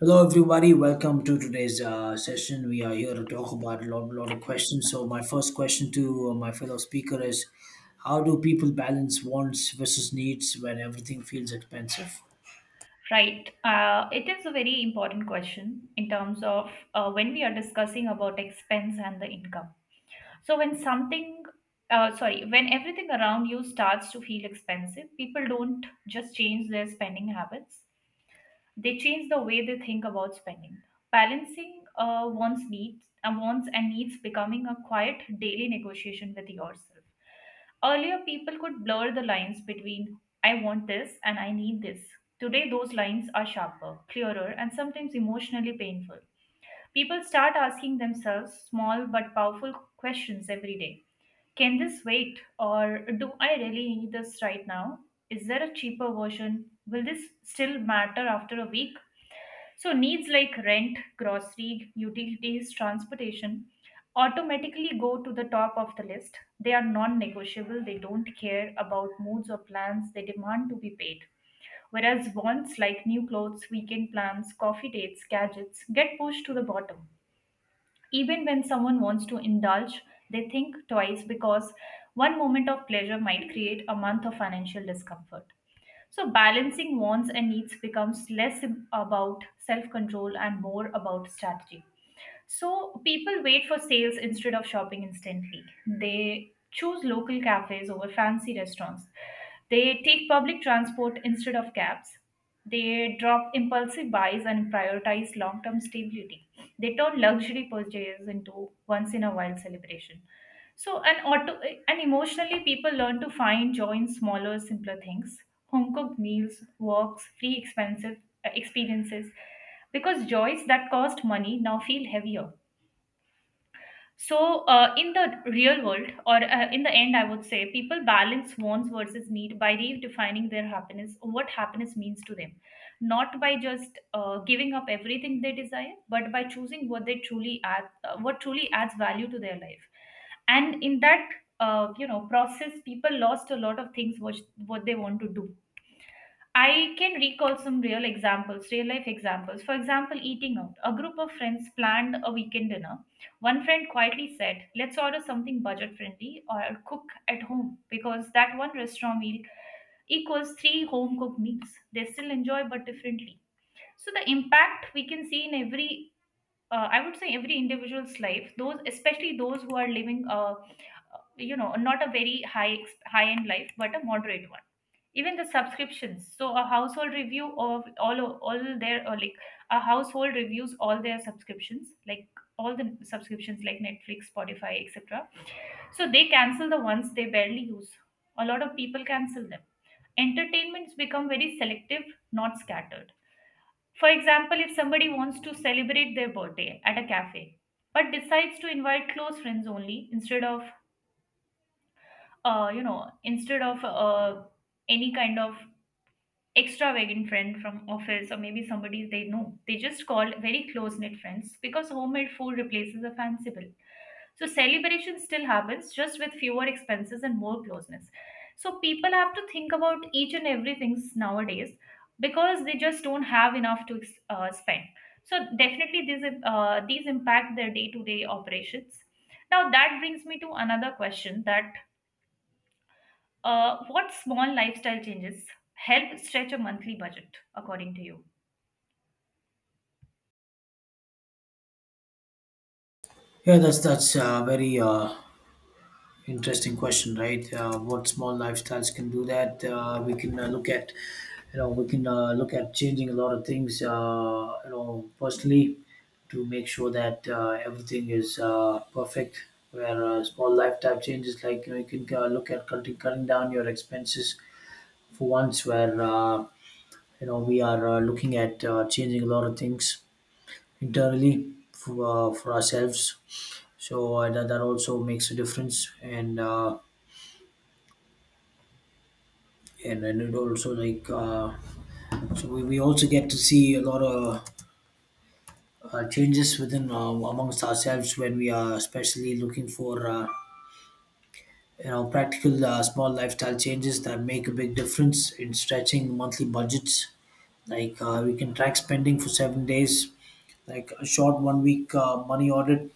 Hello, everybody. Welcome to today's session. We are here to talk about a lot of questions. So, my first question to my fellow speaker is, how do people balance wants versus needs when everything feels expensive? Right. It is a very important question in terms of when we are discussing about expense and the income. So when something, when everything around you starts to feel expensive, people don't just change their spending habits, they change the way they think about spending. Balancing wants and needs becoming a quiet daily negotiation with yourself. Earlier, people could blur the lines between I want this and I need this. Today, those lines are sharper, clearer, and sometimes emotionally painful. People start asking themselves small but powerful questions every day. Can this wait? Or do I really need this right now? Is there a cheaper version? Will this still matter after a week? So needs like rent, grocery, utilities, transportation automatically go to the top of the list. They are non-negotiable. They don't care about moods or plans. They demand to be paid. Whereas wants like new clothes, weekend plans, coffee dates, gadgets get pushed to the bottom. Even when someone wants to indulge, they think twice because one moment of pleasure might create a month of financial discomfort. So, balancing wants and needs becomes less about self control and more about strategy. So, people wait for sales instead of shopping instantly. They choose local cafes over fancy restaurants. They take public transport instead of cabs. They drop impulsive buys and prioritize long term stability. They turn luxury purchases into once in a while celebration. So, and auto and emotionally, people learn to find joy in smaller, simpler things: home-cooked meals, walks, free expensive experiences, because joys that cost money now feel heavier. So, in the real world, or in the end, I would say people balance wants versus need by redefining their happiness, what happiness means to them, not by just giving up everything they desire, but by choosing what truly adds value to their life. And in that, process, people lost a lot of things which what they want to do. I can recall some real examples, real life examples. For example, eating out. A group of friends planned a weekend dinner. One friend quietly said, "Let's order something budget friendly or cook at home," because that one restaurant meal equals three home cooked meals. They still enjoy but differently. So, the impact we can see in every, I would say, every individual's life, those, especially those who are living, a, not a very high, high end life, but a moderate one. Even the subscriptions, so a household review of all their or like a household reviews all their subscriptions like all the subscriptions like Netflix, Spotify, etc. So they cancel the ones they barely use. A lot of people cancel them. Entertainments become very selective, not scattered. For example, if somebody wants to celebrate their birthday at a cafe but decides to invite close friends only, instead of uh, you know instead of uh, any kind of extravagant friend from office or maybe somebody they know. They just call very close knit friends because homemade food replaces the fancy bill. So celebration still happens, just with fewer expenses and more closeness. So people have to think about each and everything nowadays because they just don't have enough to spend. So definitely these impact their day to day operations. Now that brings me to another question, that what small lifestyle changes help stretch a monthly budget, according to you? Yeah, that's Very interesting question, right? What small lifestyles can do that? We can look at, you know, we can look at changing a lot of things, you know, personally, to make sure that everything is perfect. Where small lifestyle changes, like you know, you can look at cutting down your expenses for once. Where You know, we are looking at changing a lot of things internally for ourselves. That also makes a difference. And it also, like we also get to see a lot of changes within amongst ourselves when we are especially looking for you know, practical small lifestyle changes that make a big difference in stretching monthly budgets. Like we can track spending for 7 days, like a short 1 week money audit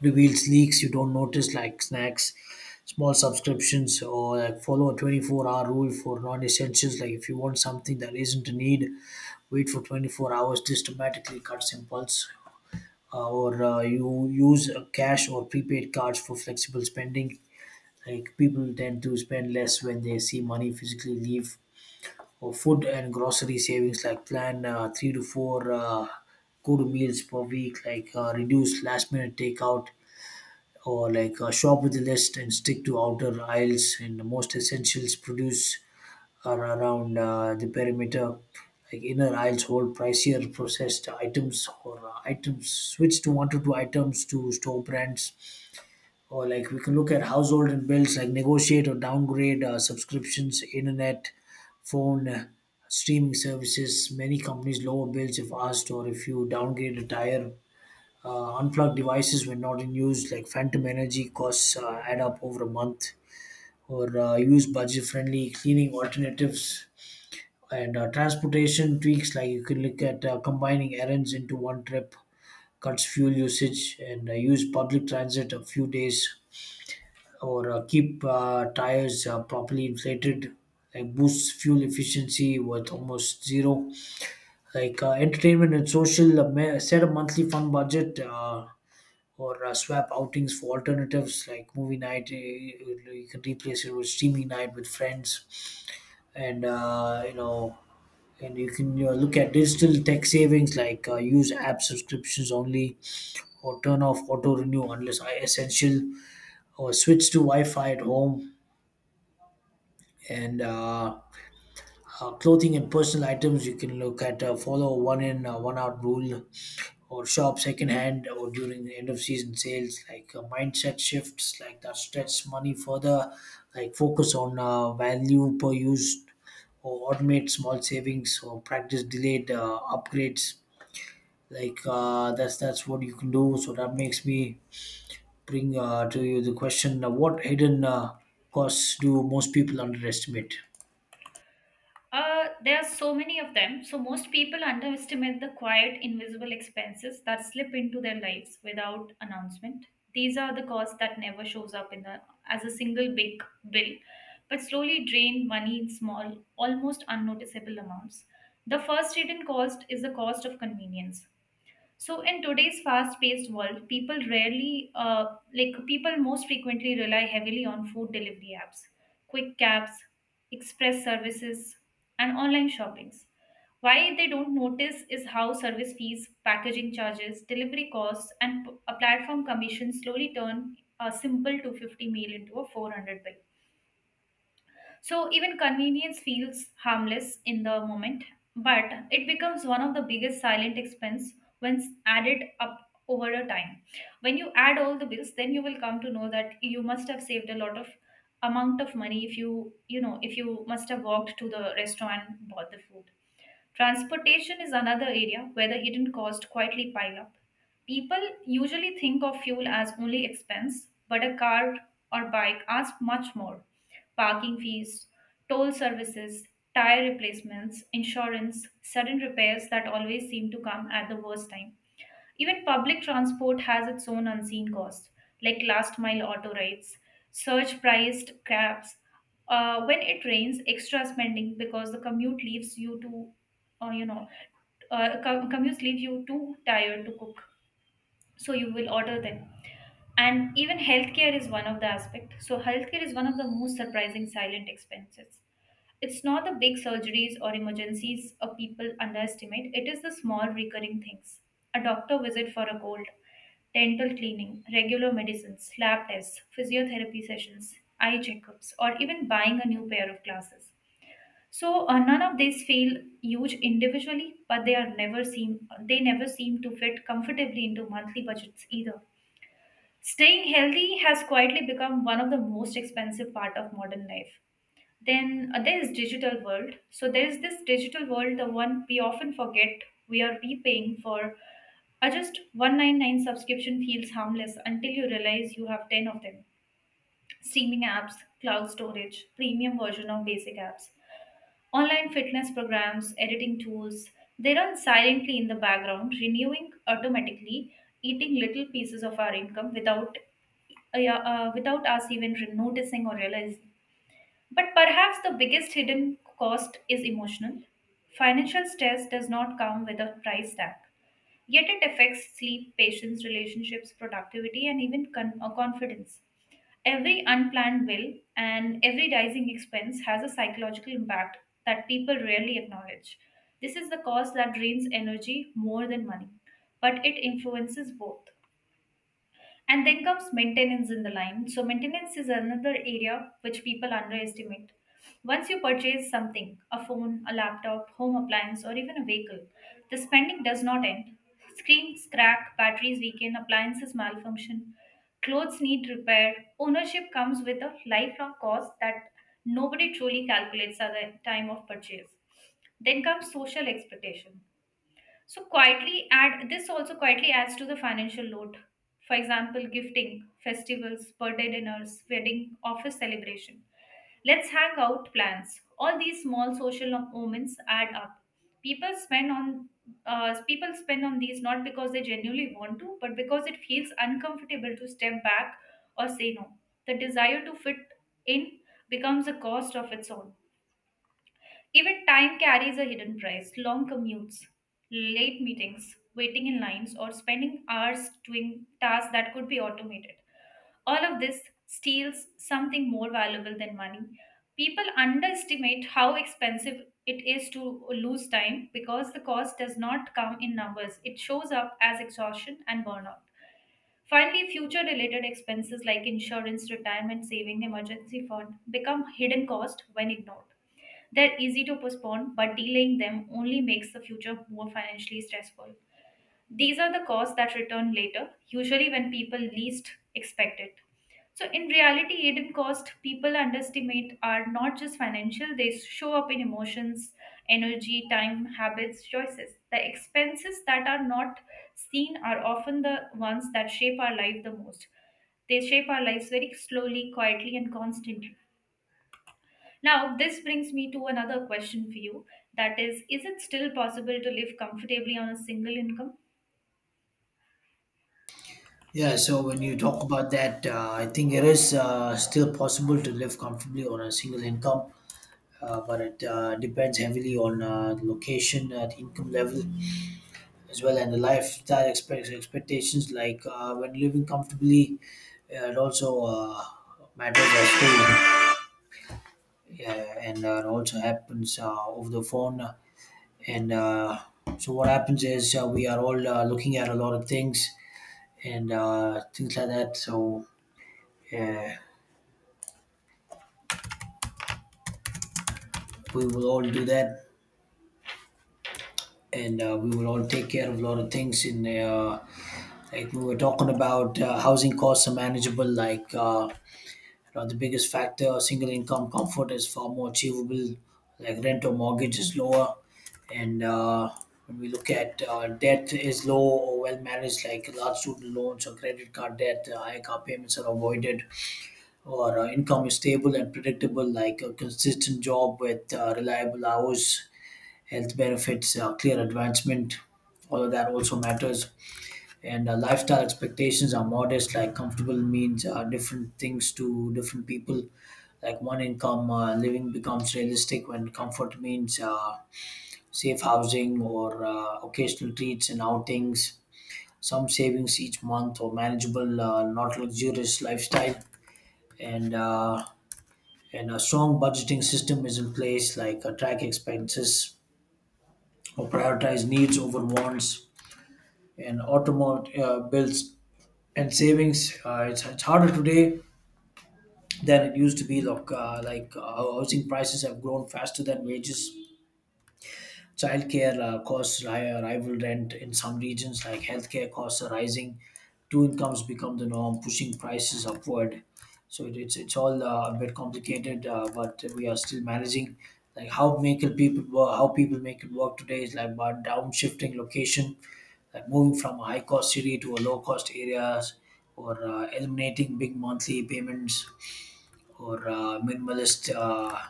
reveals leaks you don't notice, like snacks, small subscriptions, or like follow a 24-hour rule for non-essentials. Like if you want something that isn't a need, wait for 24 hours. This dramatically cuts impulse. Or You use cash or prepaid cards for flexible spending. Like people tend to spend less when they see money physically leave. Or food and grocery savings, like plan three to four good meals per week, like reduce last minute takeout, or like shop with a list and stick to outer aisles, and the most essentials produce are around the perimeter. Like inner aisles hold pricier processed items, or items, switch to one to two items to store brands. Or like we can look at household and bills, like negotiate or downgrade subscriptions, internet, phone, streaming services. Many companies lower bills if asked or if you downgrade a tire. Unplugged devices when not in use, like phantom energy costs add up over a month. Or use budget friendly cleaning alternatives, and transportation tweaks, like you could look at combining errands into one trip, cuts fuel usage, and use public transit a few days, or keep tires properly inflated, like boosts fuel efficiency with almost zero. Like entertainment and social set a monthly fun budget, or swap outings for alternatives, like movie night. You can replace it with streaming night with friends. And uh, you know and you can, you know, look at digital tech savings, like use app subscriptions only, or turn off auto renew unless essential, or switch to wi-fi at home. And Clothing and personal items, you can look at follow one in one out rule, or shop secondhand or during the end of season sales. Like mindset shifts like that stretch money further, like focus on value per use, or automate small savings, or practice delayed upgrades. That's what you can do. So that makes me bring to you the question, what hidden costs do most people underestimate? There are so many of them. So, most people underestimate the quiet, invisible expenses that slip into their lives without announcement. These are the costs that never shows up in the as a single big bill, but slowly drain money in small, almost unnoticeable amounts. The first hidden cost is the cost of convenience. So in today's fast-paced world, people rarely, like people most frequently rely heavily on food delivery apps, quick cabs, express services, and online shoppings. Why they don't notice is how service fees, packaging charges, delivery costs, and a platform commission slowly turn a simple 250 meal into a 400 bill. So even convenience feels harmless in the moment, but it becomes one of the biggest silent expense when added up over a time. When you add all the bills, then you will come to know that you must have saved a lot of amount of money if you must have walked to the restaurant and bought the food. Transportation is another area where the hidden costs quietly pile up. People usually think of fuel as only expense, but a car or bike asks much more. Parking fees, toll services, tire replacements, insurance, sudden repairs that always seem to come at the worst time. Even public transport has its own unseen cost, like last mile auto rides, surge priced cabs. When it rains, extra spending because the commute leaves you to, you know, com- commutes leave you too tired to cook, so you will order them. And even healthcare is one of the aspect. So healthcare is one of the most surprising silent expenses. It's not the big surgeries or emergencies a people underestimate, it is the small recurring things. A doctor visit for a cold, dental cleaning, regular medicines, lab tests, physiotherapy sessions, eye checkups, or even buying a new pair of glasses. So none of these feel huge individually, but they never seem to fit comfortably into monthly budgets either. Staying healthy has quietly become one of the most expensive part of modern life. Then there is digital world. So There is this digital world, the one we often forget we are repaying for. A just 199 subscription feels harmless until you realize you have 10 of them. Streaming apps, cloud storage, premium version of basic apps, online fitness programs, editing tools. They run silently in the background, renewing automatically, eating little pieces of our income without yeah, without us even noticing or realize, but perhaps the biggest hidden cost is emotional. Financial stress does not come with a price tag, yet it affects sleep, patience, relationships, productivity, and even confidence. Every unplanned bill and every rising expense has a psychological impact that people rarely acknowledge. This is the cost that drains energy more than money, but it influences both. And then comes maintenance in the line. So, maintenance is another area which people underestimate. Once you purchase something, a phone, a laptop, home appliance, or even a vehicle, the spending does not end. Screens crack, batteries weaken, appliances malfunction, clothes need repair. Ownership comes with a lifelong cost that nobody truly calculates at the time of purchase. Then comes social expectation. So quietly add this also quietly adds to the financial load. For example, gifting, festivals, birthday dinners, wedding, office celebration. Let's hang out plans. All these small social moments add up. People spend on People spend on these not because they genuinely want to, but because it feels uncomfortable to step back or say no. The desire to fit in becomes a cost of its own. Even time carries a hidden price: long commutes, late meetings, waiting in lines, or spending hours doing tasks that could be automated. All of this steals something more valuable than money. People underestimate how expensive it is to lose time because the cost does not come in numbers, it shows up as exhaustion and burnout. Finally, future related expenses like insurance, retirement saving, emergency fund become hidden cost when ignored. They're easy to postpone, but delaying them only makes the future more financially stressful. These are the costs that return later, usually when people least expect it. So, in reality, hidden costs people underestimate are not just financial, they show up in emotions, energy, time, habits, choices. The expenses that are not seen are often the ones that shape our life the most. They shape our lives very slowly, quietly, and constantly. Now, this brings me to another question for you, that is it still possible to live comfortably on a single income? Yeah so when you talk about that, I think it is still possible to live comfortably on a single income, but it depends heavily on the location, the income level as well, and the lifestyle expectations. Like when living comfortably, it also matters as well. Yeah, and it also happens over the phone. And so what happens is we are all looking at a lot of things and things like that. So yeah, we will all do that, and we will all take care of a lot of things. In Like we were talking about, housing costs are manageable. Now, the biggest factor, single income comfort is far more achievable, like rent or mortgage is lower. And When we look at debt is low or well managed, like large student loans or credit card debt, high car payments are avoided, or income is stable and predictable, like a consistent job with reliable hours, health benefits, clear advancement. All of that also matters, and lifestyle expectations are modest. Like comfortable means different things to different people. Like one income living becomes realistic when comfort means safe housing or occasional treats and outings, some savings each month, or manageable not luxurious lifestyle, and uh, and a strong budgeting system is in place, like track expenses or prioritize needs over wants, and automate bills and savings. It's harder today than it used to be. Look, housing prices have grown faster than wages, childcare costs rival rent in some regions, like healthcare costs are rising. Two incomes become the norm, pushing prices upward. So it's all a bit complicated, but we are still managing. Like how people make it work today is like by downshifting location, like moving from a high cost city to a low cost areas, or eliminating big monthly payments, or minimalist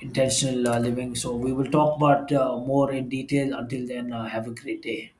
intentional living. So we will talk about more in detail. Until then, have a great day.